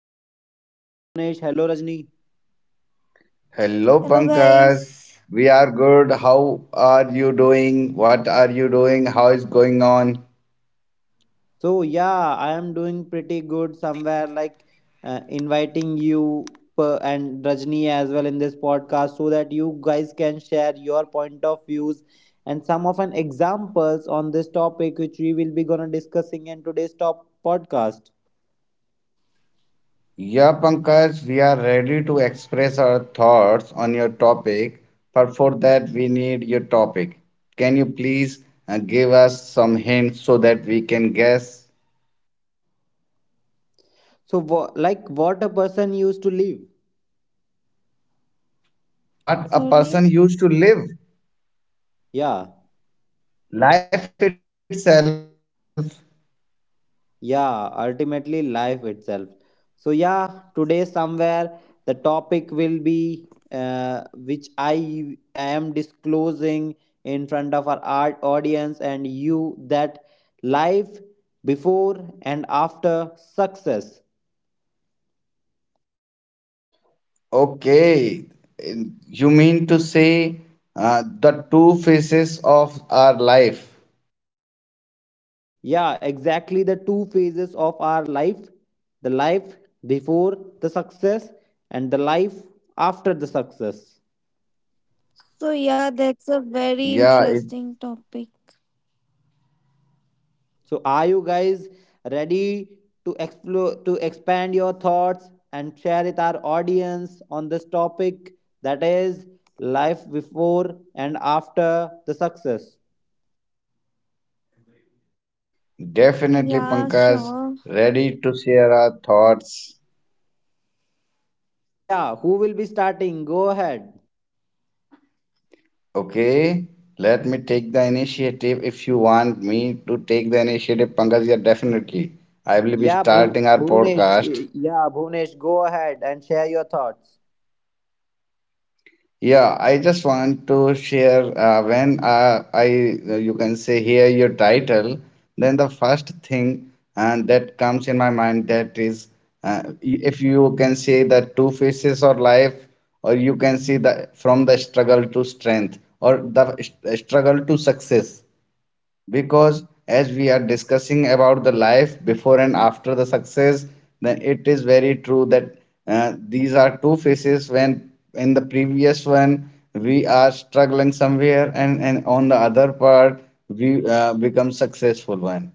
welcome to the podcast. Hello Bhuvnesh, hello Rajni. Hello, Hello, Pankaj. guys. We are good. How are you doing? What are you doing? How is going on? So, yeah, I am doing pretty good somewhere like inviting you and Rajni as well in this podcast so that you guys can share your point of views and some of an examples on this topic which we will be gonna discussing in today's top podcast. Yeah, Pankaj, we are ready to express our thoughts on your topic, but for that, we need your topic. Can you please give us some hints so that we can guess So, like what a person used to live. what a Sorry. person used to live? Yeah. Life itself. Yeah, ultimately life itself. So yeah, today somewhere the topic will be, which I am disclosing in front of our art audience and you, that life before and after success. Okay, you mean to say the two phases of our life? Yeah, exactly, the two phases of our life. The life before the success and the life after the success. So, yeah, that's a very Yeah, interesting topic. So are you guys ready to explore, to expand your thoughts and share with our audience on this topic, that is life before and after the success? definitely, Yeah, Pankaj, sure. ready to share our thoughts. So yeah, who will be starting? Go ahead. Okay, let me take the initiative if you want me to take the initiative, Pankaj. Yeah, definitely. I will be Yeah, starting our Bhunesh. podcast. Yeah, Bhunesh, go ahead and share your thoughts. Yeah, I just want to share when I you can say hear your title, then the first thing and that comes in my mind that is if you can say the two faces of life, or you can see the from the struggle to strength, or the struggle to success because as we are discussing about the life before and after the success, then it is very true that these are two phases when in the previous one we are struggling somewhere and on the other part we become successful one.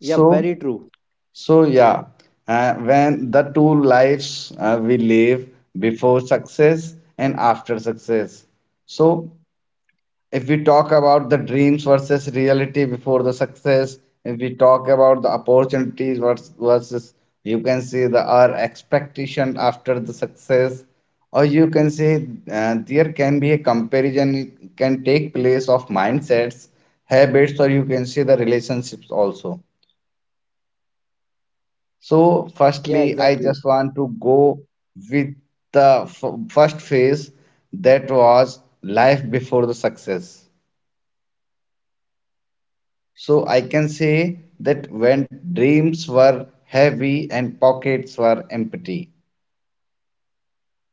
Yep, very true. so yeah, when the two lives we live before success and after success, so if we talk about the dreams versus reality before the success, if we talk about the opportunities versus, you can see the our expectation after the success, or you can say there can be a comparison, it can take place of mindsets, habits, or you can see the relationships also. So, Yeah, firstly, I exactly. just want to go with the first phase that was life before the success. So I can say that when dreams were heavy and pockets were empty.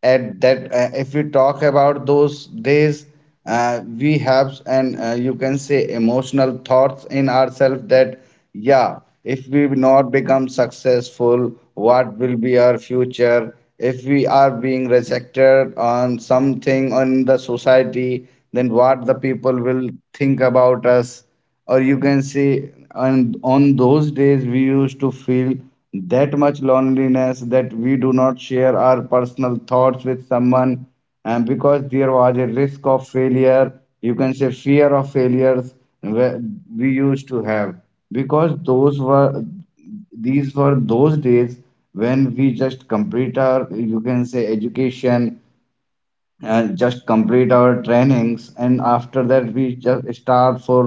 At that, if we talk about those days, we have and you can say emotional thoughts in ourselves that yeah, if we will not become successful, what will be our future? If we are being rejected on something on the society, then what the people will think about us? Or you can say and on those days we used to feel that much loneliness that we do not share our personal thoughts with someone, and because there was a risk of failure, you can say fear of failures, where we used to have because those were, these were those days when we just complete our, you can say, education, just complete our trainings, and after that we just start for,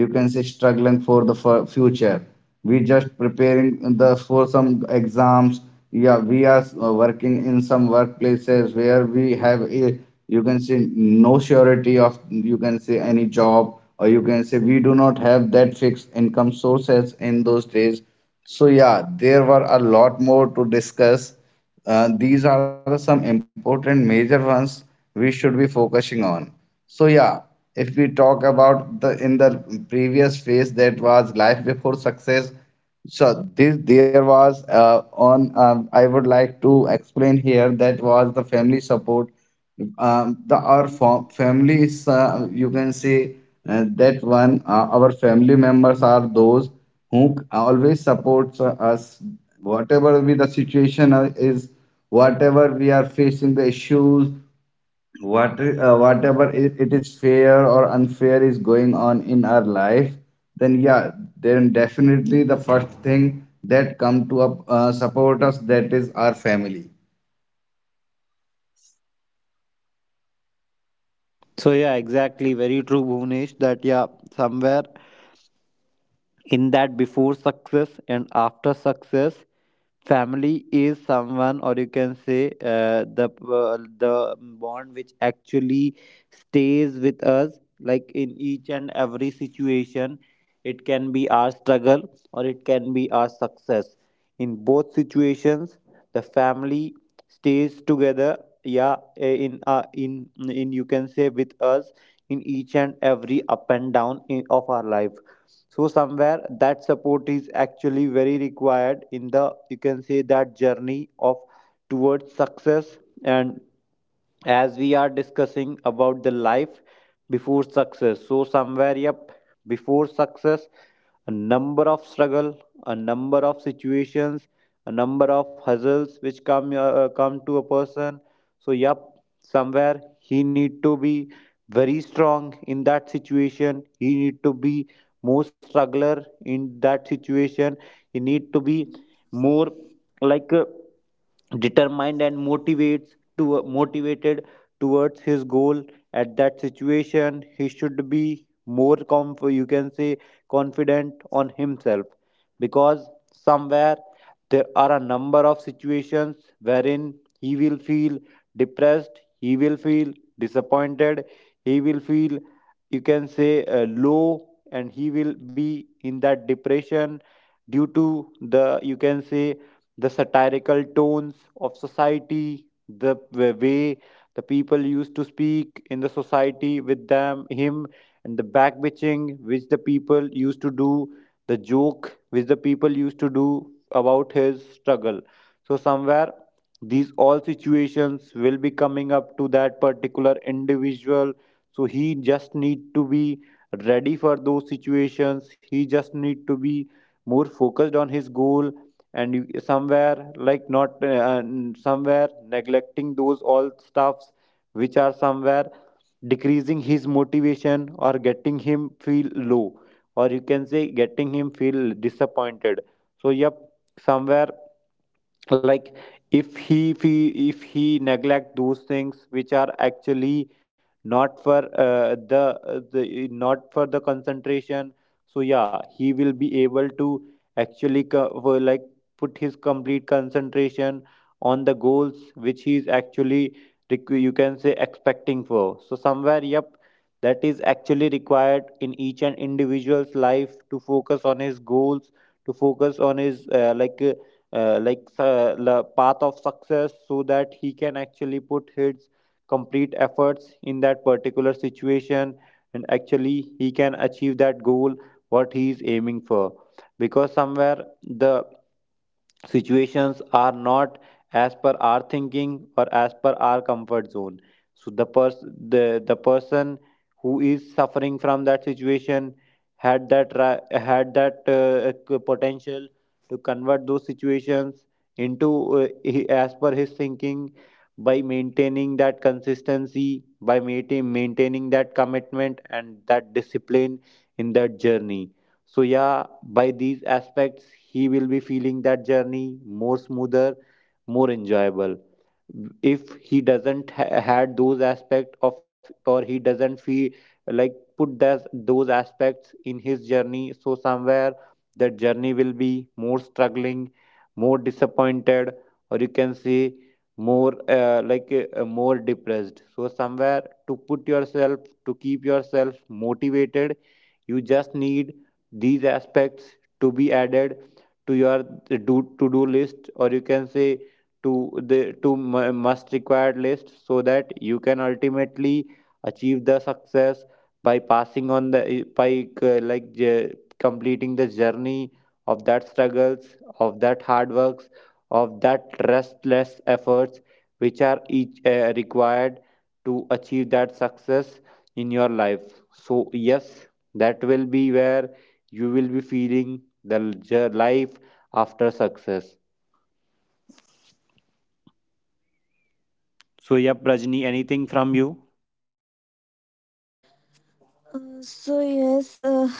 you can say, struggling for the future. We just preparing the for some exams. Yeah, we are working in some workplaces where we have a, you can say, no surety of, you can say, any job, or you can say we do not have that fixed income sources in those days. So yeah, there were a lot more to discuss. These are the some important major ones we should be focusing on. So yeah, if we talk about the in the previous phase that was life before success, so this there was on I would like to explain here that was the family support. The our family is you can say that one our family members are those who always supports us, whatever be the situation is, whatever we are facing the issues, whatever it is fair or unfair is going on in our life, then yeah, then definitely the first thing that come to up, support us that is our family. So yeah, exactly. Very true, Bhunesh. That yeah, somewhere in that before success and after success, family is someone, or you can say the, the bond which actually stays with us like in each and every situation. It can be our struggle or it can be our success. In both situations, the family stays together. Yeah, in in, you can say, with us in each and every up and down of our life. So somewhere that support is actually very required in the, you can say, that journey of towards success, and as we are discussing about the life before success, so somewhere, yep, before success, a number of struggle, a number of situations, a number of hustles which come to a person. So yep, somewhere he need to be very strong in that situation, he need to be more struggler in that situation, he need to be more like a determined and motivates to motivated towards his goal. At that situation he should be more, you can say, confident on himself, because somewhere there are a number of situations wherein he will feel depressed, he will feel disappointed, he will feel, you can say, low, and he will be in that depression due to the, you can say, the satirical tones of society, the way the people used to speak in the society with him, and the backbitching which the people used to do, the joke which the people used to do about his struggle. So somewhere these all situations will be coming up to that particular individual. So he just need to be ready for those situations. He just need to be more focused on his goal, and you somewhere like not somewhere neglecting those all stuffs which are somewhere decreasing his motivation or getting him feel low, or you can say, getting him feel disappointed. So yep, somewhere like if he neglect those things which are actually not for the, not for the concentration, so yeah, he will be able to actually, co- for like, put his complete concentration on the goals which he is actually, you can say, expecting for. So somewhere, yep, that is actually required in each and individual's life, to focus on his goals, to focus on his path of success, so that he can actually put his complete efforts in that particular situation, and actually he can achieve that goal what he is aiming for. Because somewhere the situations are not as per our thinking or as per our comfort zone. So the person who is suffering from that situation had that potential to convert those situations into, as per his thinking, by maintaining that consistency, by maintaining that commitment and that discipline in that journey. So yeah, by these aspects, he will be feeling that journey more smoother, more enjoyable. If he doesn't ha- had those aspects of, or he doesn't feel like put those aspects in his journey, so somewhere that journey will be more struggling, more disappointed, or you can say more more depressed. So somewhere, to put yourself, to keep yourself motivated, you just need these aspects to be added to your do list, or you can say, to must required list, so that you can ultimately achieve the success, by passing on the, uh, like j- completing the journey of that struggles, of that hard works, of that restless efforts which are each required to achieve that success in your life. So yes, that will be where you will be feeling the, life after success. So, yep, Rajni, anything from you? Uh, so yes, uh,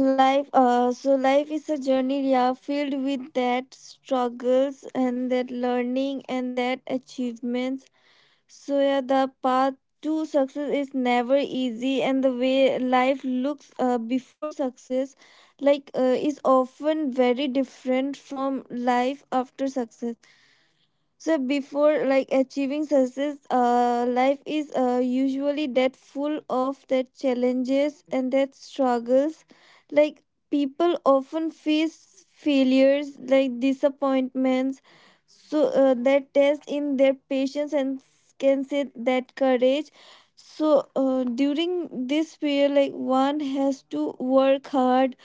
life. So life is a journey. Yeah, filled with that struggles and that learning and that achievements. So yeah, the path to success is never easy, and the way life looks before success, is often very different from life after success. So before like achieving success, life is usually that full of that challenges and that struggles. Like people often face failures like disappointments, so that test in their patience and can say that courage. So during this period, like one has to work hard,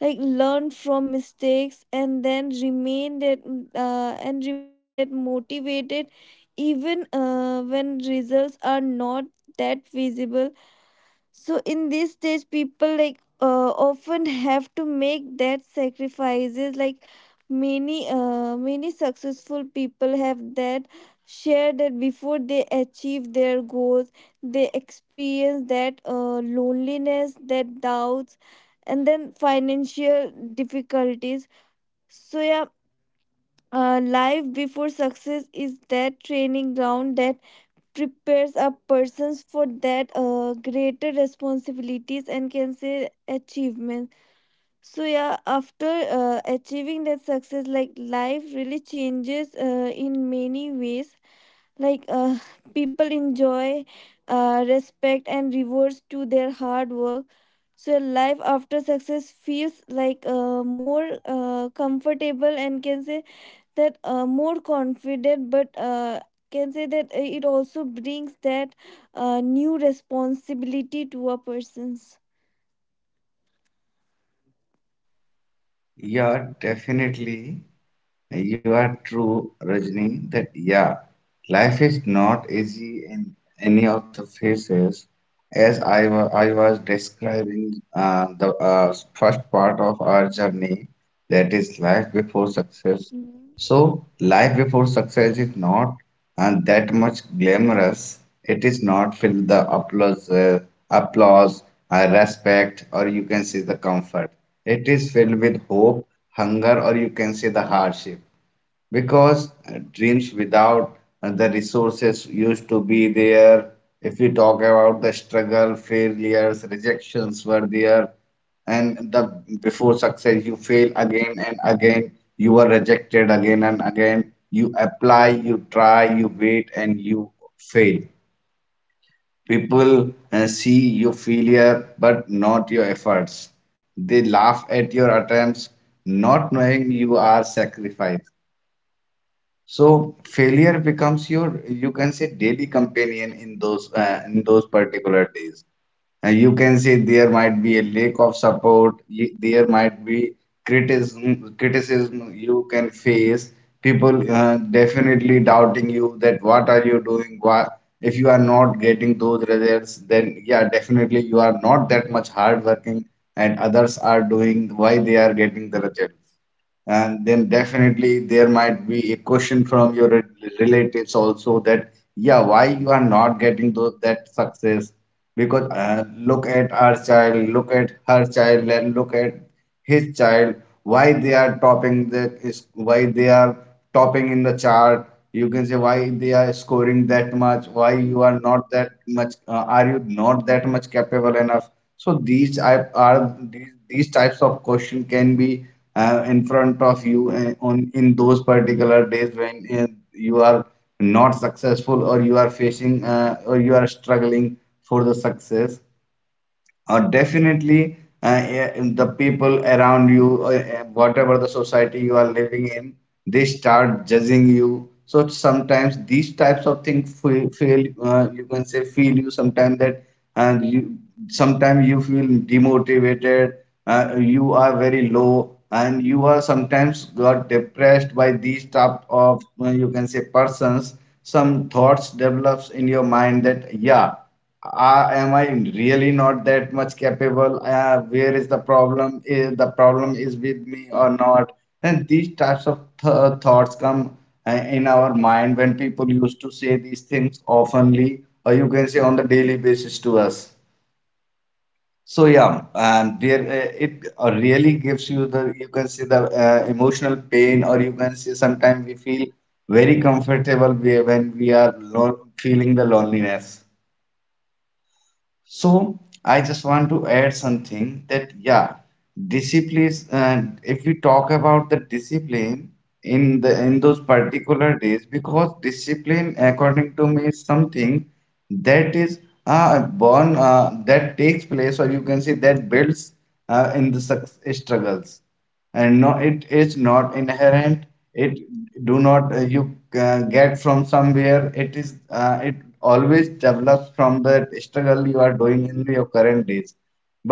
like learn from mistakes and then remain that motivated even when results are not that visible. So in this stage, people often have to make that sacrifices. Like many successful people have that share that before they achieve their goals, they experience that loneliness, that doubts, and then financial difficulties. So yeah, life before success is that training ground that prepares a persons for that greater responsibilities and can say achievement. So yeah, after achieving that success, like life really changes in many ways. like uh, people enjoy respect and rewards to their hard work. So life after success feels more comfortable, and can say that more confident, but can say that it also brings that new responsibility to a person's. Yeah, definitely. You are true, Rajni, that yeah, life is not easy in any of the phases. As I was describing the first part of our journey, that is life before success. Mhm. So, life before success is not that much glamorous. It is not filled the applause, uh, applause, respect, or you can say the comfort. It is filled with hope, hunger, or you can say the hardship, because dreams without the resources used to be there. If we talk about the struggle, failures, rejections were there, and the before success you fail again and again, you are rejected again and again, you apply, you try, you wait, and you fail. People see your failure but not your efforts. They laugh at your attempts, not knowing you are sacrificed. So failure becomes your, you can say, daily companion in those particular days. You can say there might be a lack of support, there might be criticism you can face, people definitely doubting you that what are you doing, why, if you are not getting those results, then yeah, definitely you are not that much hardworking and others are doing, why they are getting the results. And then definitely there might be a question from your relatives also that, yeah, why you are not getting those, that success? Because look at our child, look at her child, and look at his child. Why they are topping, that is why they are topping in the chart. You can say why they are scoring that much. Why you are not that much? Are you not that much capable enough? So these I- are these types of question can be in front of you on in those particular days when you are not successful, or you are facing or you are struggling for the success, or definitely the people around you, or whatever the society you are living in, they start judging you. So sometimes these types of things feel, you can say feel you sometimes that, and you sometimes you feel demotivated, you are very low and you are sometimes got depressed by these type of, you can say, persons. Some thoughts develops in your mind that yeah, ah, am I really not that much capable? Where is the problem? Is the problem is with me or not? And these types of thoughts come uh, in our mind when people used to say these things oftenly, or you can say on the daily basis to us. So yeah, and there it really gives you the, you can say, the emotional pain, or you can say sometimes we feel very comfortable when we are lo feeling the loneliness. So I just want to add something that yeah, discipline. If we talk about the discipline in the in those particular days, because discipline, according to me, is something that is born that takes place, or you can say that builds in the suc struggles, and no, it is not inherent. It do not uh, you uh, get from somewhere. It is, it always develops from the struggle you are doing in your current days.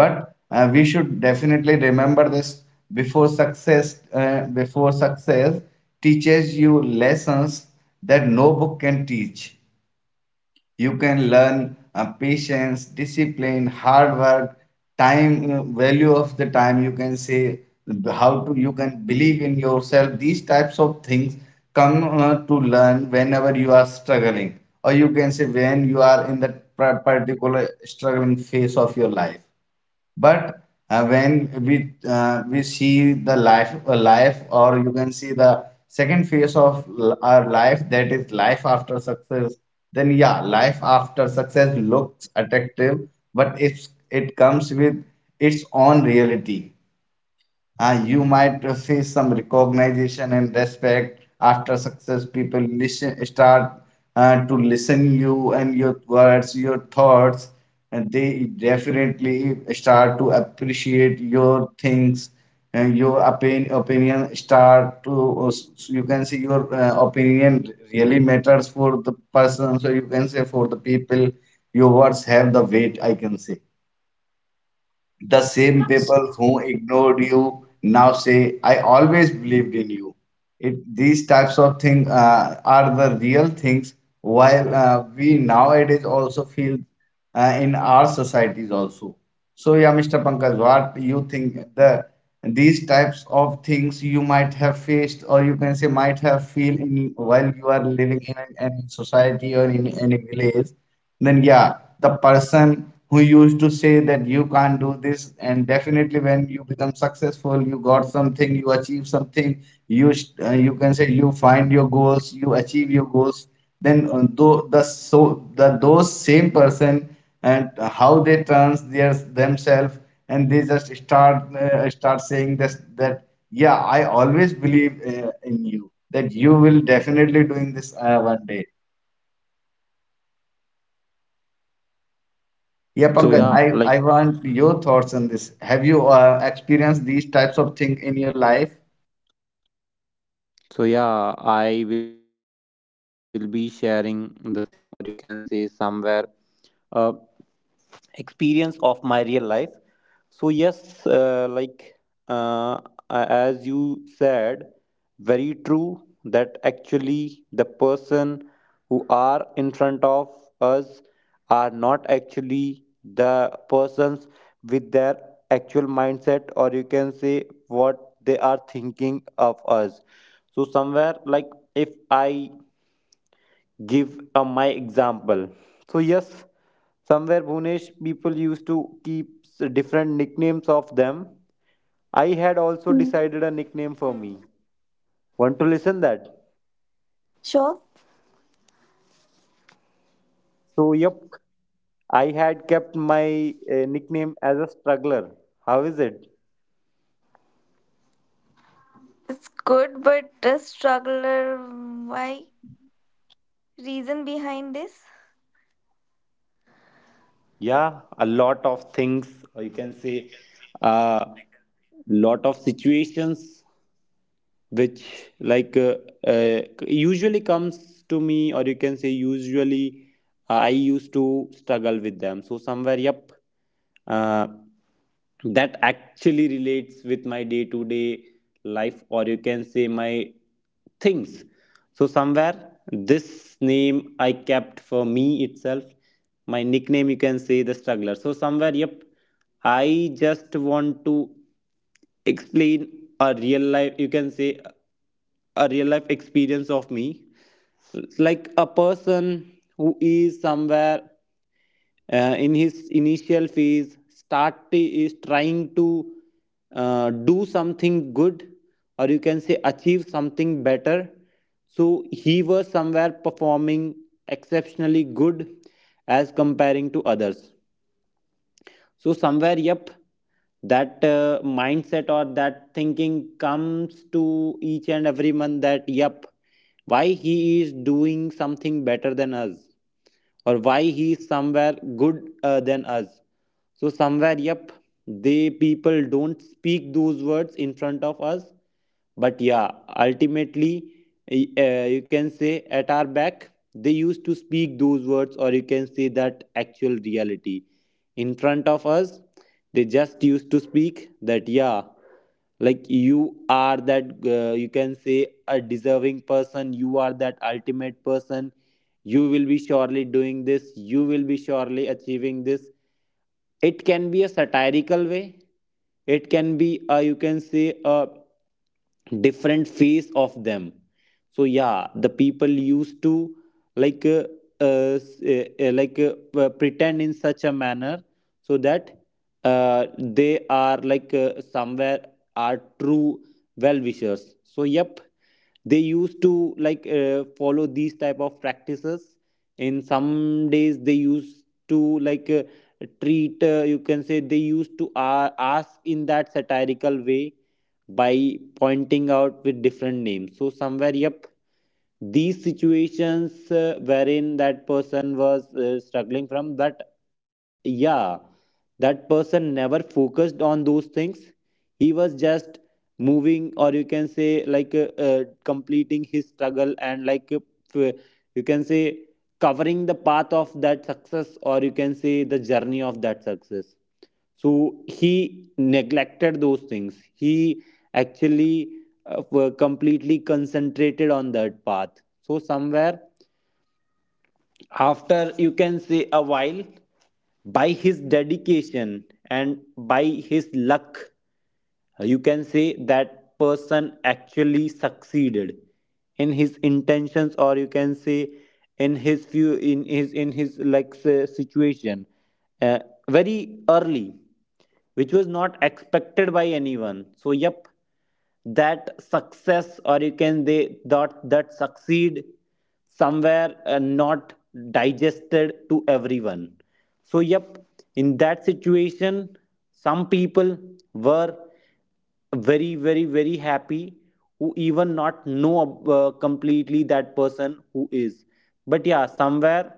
But we should definitely remember this. Before success teaches you lessons that no book can teach. You can learn patience, discipline, hard work, time, value of the time. You can say how to you can believe in yourself. These types of things come to learn whenever you are struggling, or you can say when you are in that particular struggling phase of your life. But when we see the life or you can see the second phase of our life, that is life after success, then yeah, life after success looks attractive, but it comes with its own reality. You might see some recognition and respect after success. People listen, start to listen you and your words, your thoughts, and they definitely start to appreciate your things, and your opinion start to, you can see your opinion really matters for the person. So you can say for the people, your words have the weight, I can say. The same people who ignored you now say, "I always believed in you." It, these types of things are the real things, while we nowadays also feel in our societies also. So, yeah, Mr. Pankaj, what you think the these types of things you might have faced, or you can say might have feel in, while you are living in an society or in any village, then yeah, the person who used to say that you can't do this, and definitely when you become successful, you got something, you achieve something, you can say you find your goals, you achieve your goals. Then though the so the those same person, and how they turns their themselves, and they just start saying this that yeah, I always believe in you that you will definitely doing this one day. Yeah, So Pankaj, yeah, like I want your thoughts on this. Have you experienced these types of things in your life? so yeah, I will be sharing the same, or you can say somewhere. Uh, Experience of my real life. So yes, uh, as you said, very true that actually the person who are in front of us are not actually the persons with their actual mindset, or you can say what they are thinking of us. So somewhere, like if I give my example. So yes, somewhere, Bhunesh, people used to keep different nicknames of them. I had also Mhm. decided a nickname for me. Want to listen that? Sure. So yep, I had kept my nickname as a struggler. How is it? It's good, but a struggler, why? Reason behind this? Yeah, a lot of things, or you can say a lot of situations which usually comes to me, or you can say usually I used to struggle with them. So somewhere, yep, uh, that actually relates with my day to day life, or you can say my things. So somewhere this name I kept for me itself. My nickname, you can say, the struggler. So somewhere, yep, I just want to explain a real life, you can say a real life experience of me, like a person who is somewhere, in his initial phase, start is trying to do something good, or you can say achieve something better. So he was somewhere performing exceptionally good as comparing to others. So somewhere, yep, that mindset or that thinking comes to each and every one, that yep, why he is doing something better than us, or why he's somewhere good than us. So somewhere, yep, they people don't speak those words in front of us, but yeah, ultimately, you can say at our back they used to speak those words, or you can say that actual reality. In front of us they just used to speak that, yeah, like you are that, you can say, a deserving person, you are that ultimate person, you will be surely doing this, you will be surely achieving this. It can be a satirical way, it can be a, you can say, a different face of them. So yeah, the people used to like s- like pretend in such a manner, so that they are somewhere are true well wishers. So yep, they used to follow these type of practices. In some days they used to treat you can say, they used to ask in that satirical way, by pointing out with different names. So somewhere, yep, these situations, wherein that person was struggling from that. Yeah, that person never focused on those things. He was just moving, or you can say, completing his struggle, and f- you can say, covering the path of that success, or you can say the journey of that success. So he neglected those things. He actually, were completely concentrated on that path. So somewhere after, you can say, a while, by his dedication and by his luck, you can say that person actually succeeded in his intentions, or you can say, in his like, say, situation, uh, very early, which was not expected by anyone. So yep, that success, or you can they that succeed, somewhere not digested to everyone. So yep, in that situation some people were very, very, very happy, who even not know completely that person who is. But yeah, somewhere,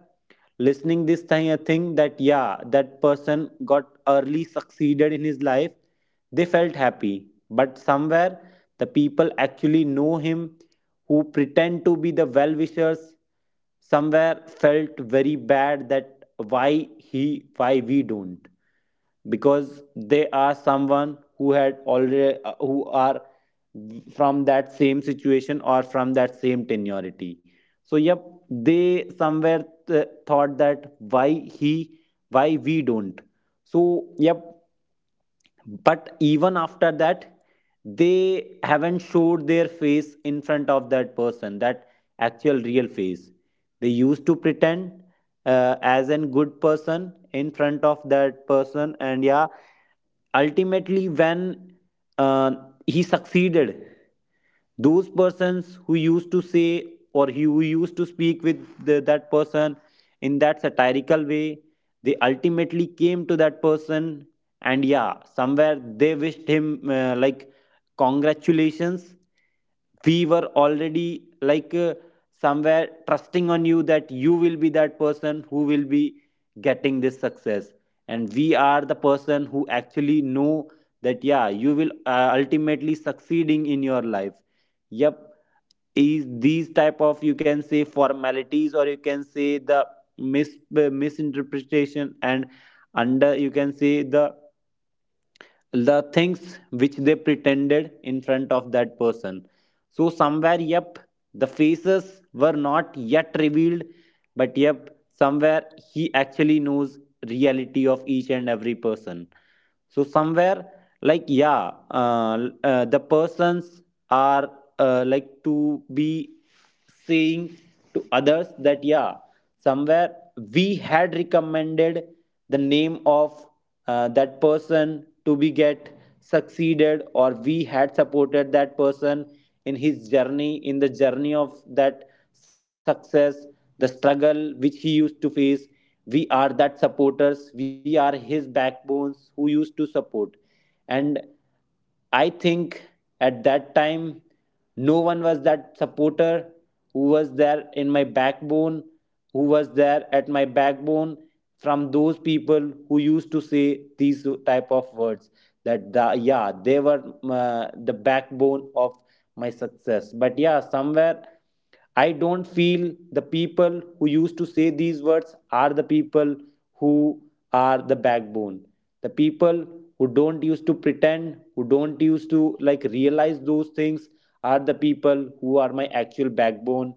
listening this thing, I think that yeah, that person got early succeeded in his life. They felt happy, but somewhere the people actually know him, who pretend to be the well wishers, somewhere felt very bad, that why he, why we don't. Because they are someone who had already, who are from that same situation or from that same tenuity. So yep, they somewhere thought that why he, why we don't. So yep, but even after that, they haven't showed their face in front of that person That actual real face they used to pretend as a good person in front of that person. And yeah, ultimately when uh, he succeeded, those persons who used to say or who used to speak with that person in that satirical way, they ultimately came to that person. And yeah, somewhere they wished him, like, congratulations. We were already like somewhere trusting on you that you will be that person who will be getting this success, and we are the person who actually know that yeah, you will ultimately succeeding in your life. Yep, is these type of, you can say, formalities, or you can say the misinterpretation and, under you can say, the things which they pretended in front of that person. So somewhere, yep, the faces were not yet revealed, but yep, somewhere he actually knows reality of each and every person. So somewhere, like yeah, the persons are like to be saying to others that yeah, somewhere we had recommended the name of that person to be get succeeded, or we had supported that person in his journey, in the journey of that success. The struggle which he used to face, we are that supporters, we are his backbones who used to support. And I think at that time, no one was that supporter who was there in my backbone, who was there at my backbone, from those people who used to say these type of words that the, yeah, they were the backbone of my success. But yeah, somewhere I don't feel the people who used to say these words are the people who are the backbone. The people who don't used to pretend, who don't used to like realize those things, are the people who are my actual backbone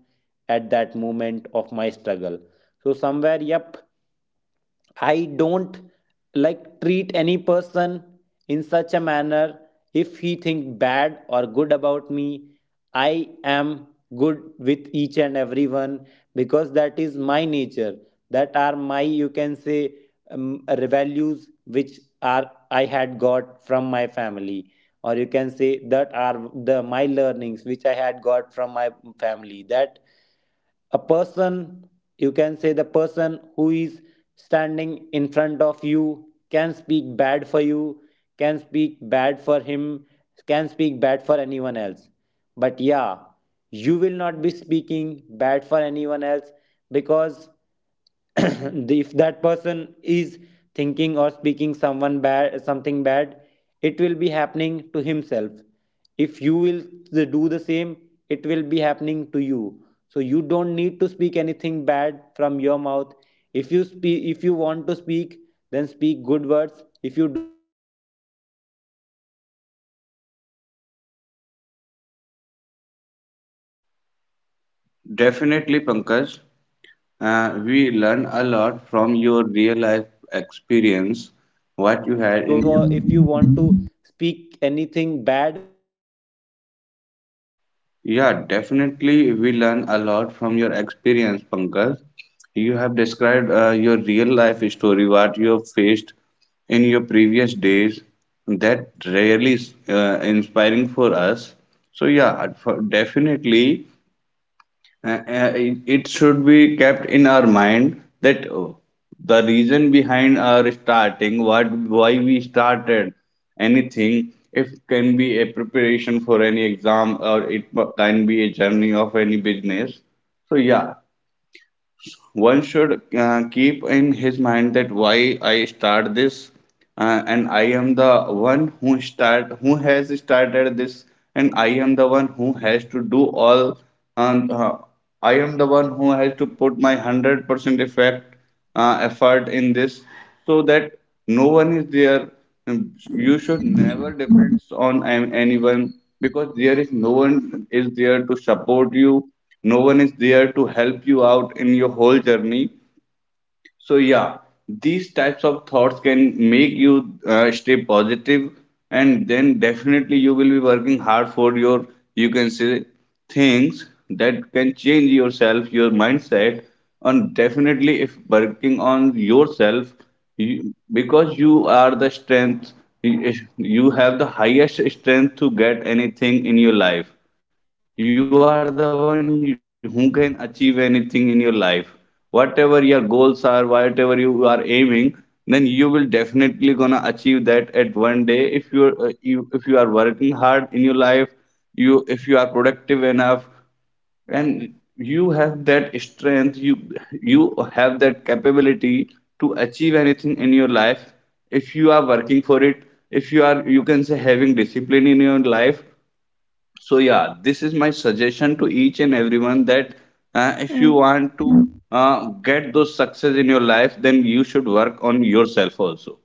at that moment of my struggle. So somewhere, yep, I don't like treat any person in such a manner if he think bad or good about me. I am good with each and everyone, because that is my nature. That are my, you can say, values which are I had got from my family, or you can say that are the my learnings which I had got from my family, that a person, you can say the person who is standing in front of you, can speak bad for you, can speak bad for him, can speak bad for anyone else, but yeah, you will not be speaking bad for anyone else. Because if that person is thinking or speaking someone bad, something bad, it will be happening to himself. If you will do the same, it will be happening to you. So you don't need to speak anything bad from your mouth. If you speak, if you want to speak, then speak good words. If you don't wa- if you want to speak anything bad, then don't speak. Keep quiet. So somewhere these type of values Definitely, or these Pankaj. type of like We learn a lot from actual your real learnings I life had from my family, experience, so I what you used had to in your. like apply those same in my life. Yeah, definitely, we learn a lot from your So experience, yeah guys, Pankaj. continue. You have described your real life story, what you have faced in your previous days. That Am I audible? really is inspiring for us. So, yeah, definitely, Uh, uh, it Am I it audible to should you? be kept in our mind that the reason behind our starting, what why we started anything, if can be a preparation for any exam or it can be a journey of any business. So yeah, one should keep in his mind that why I start this, and I am the one who start who has started this, and I am the one who has to do all, and I am the one who has to put my 100% effect effort in this so that no one is there. Um, you should never depend on anyone, because there is no one is there to support you, no one is there to help you out in your whole journey. So yeah, these types of thoughts can make you stay positive, and then definitely you will be working hard for your, you can say, things that can change yourself, your mindset. And definitely if working on yourself, you, because you are the strength, you have the highest strength to get anything in your life. You are the one who can achieve anything in your life. Whatever your goals are, whatever you are aiming, then you will definitely gonna achieve that at one day if you are you if you are working hard in your life, you if you are productive enough, and you have that strength, you have that capability to achieve anything in your life if you are working for it, if you are, you can say, having discipline in your life. So yeah, this is my suggestion to each and everyone that if you want to get those success in your life, then you should work on yourself also.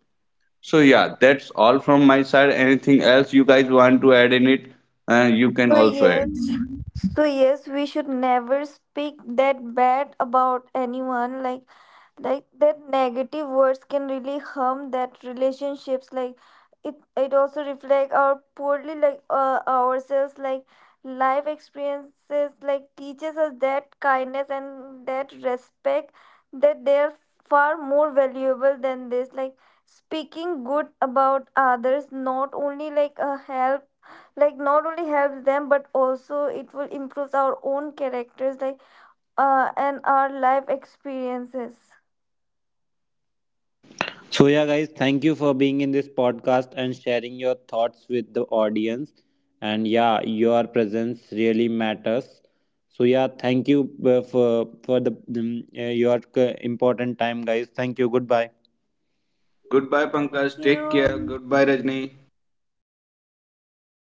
So yeah, that's all from my side. Anything else you guys want to add in it? You can So also add. yes, so yes, we should never speak that bad about anyone. Like that negative words can really harm that relationships. Like, it also reflect our poorly like ourselves. Like, life experiences like teaches us that kindness and that respect that they're far more valuable than this. Like, speaking good about others not only like a help, like not only helps them, but also it will improve our own characters, and our life experiences. So, yeah, guys, thank you for being in this podcast and sharing your thoughts with the audience. And yeah, your presence really matters. So, yeah, thank you for the your important time, guys. Thank you. Goodbye. Goodbye, Pankaj, Thank take you. care. Goodbye, Rajni.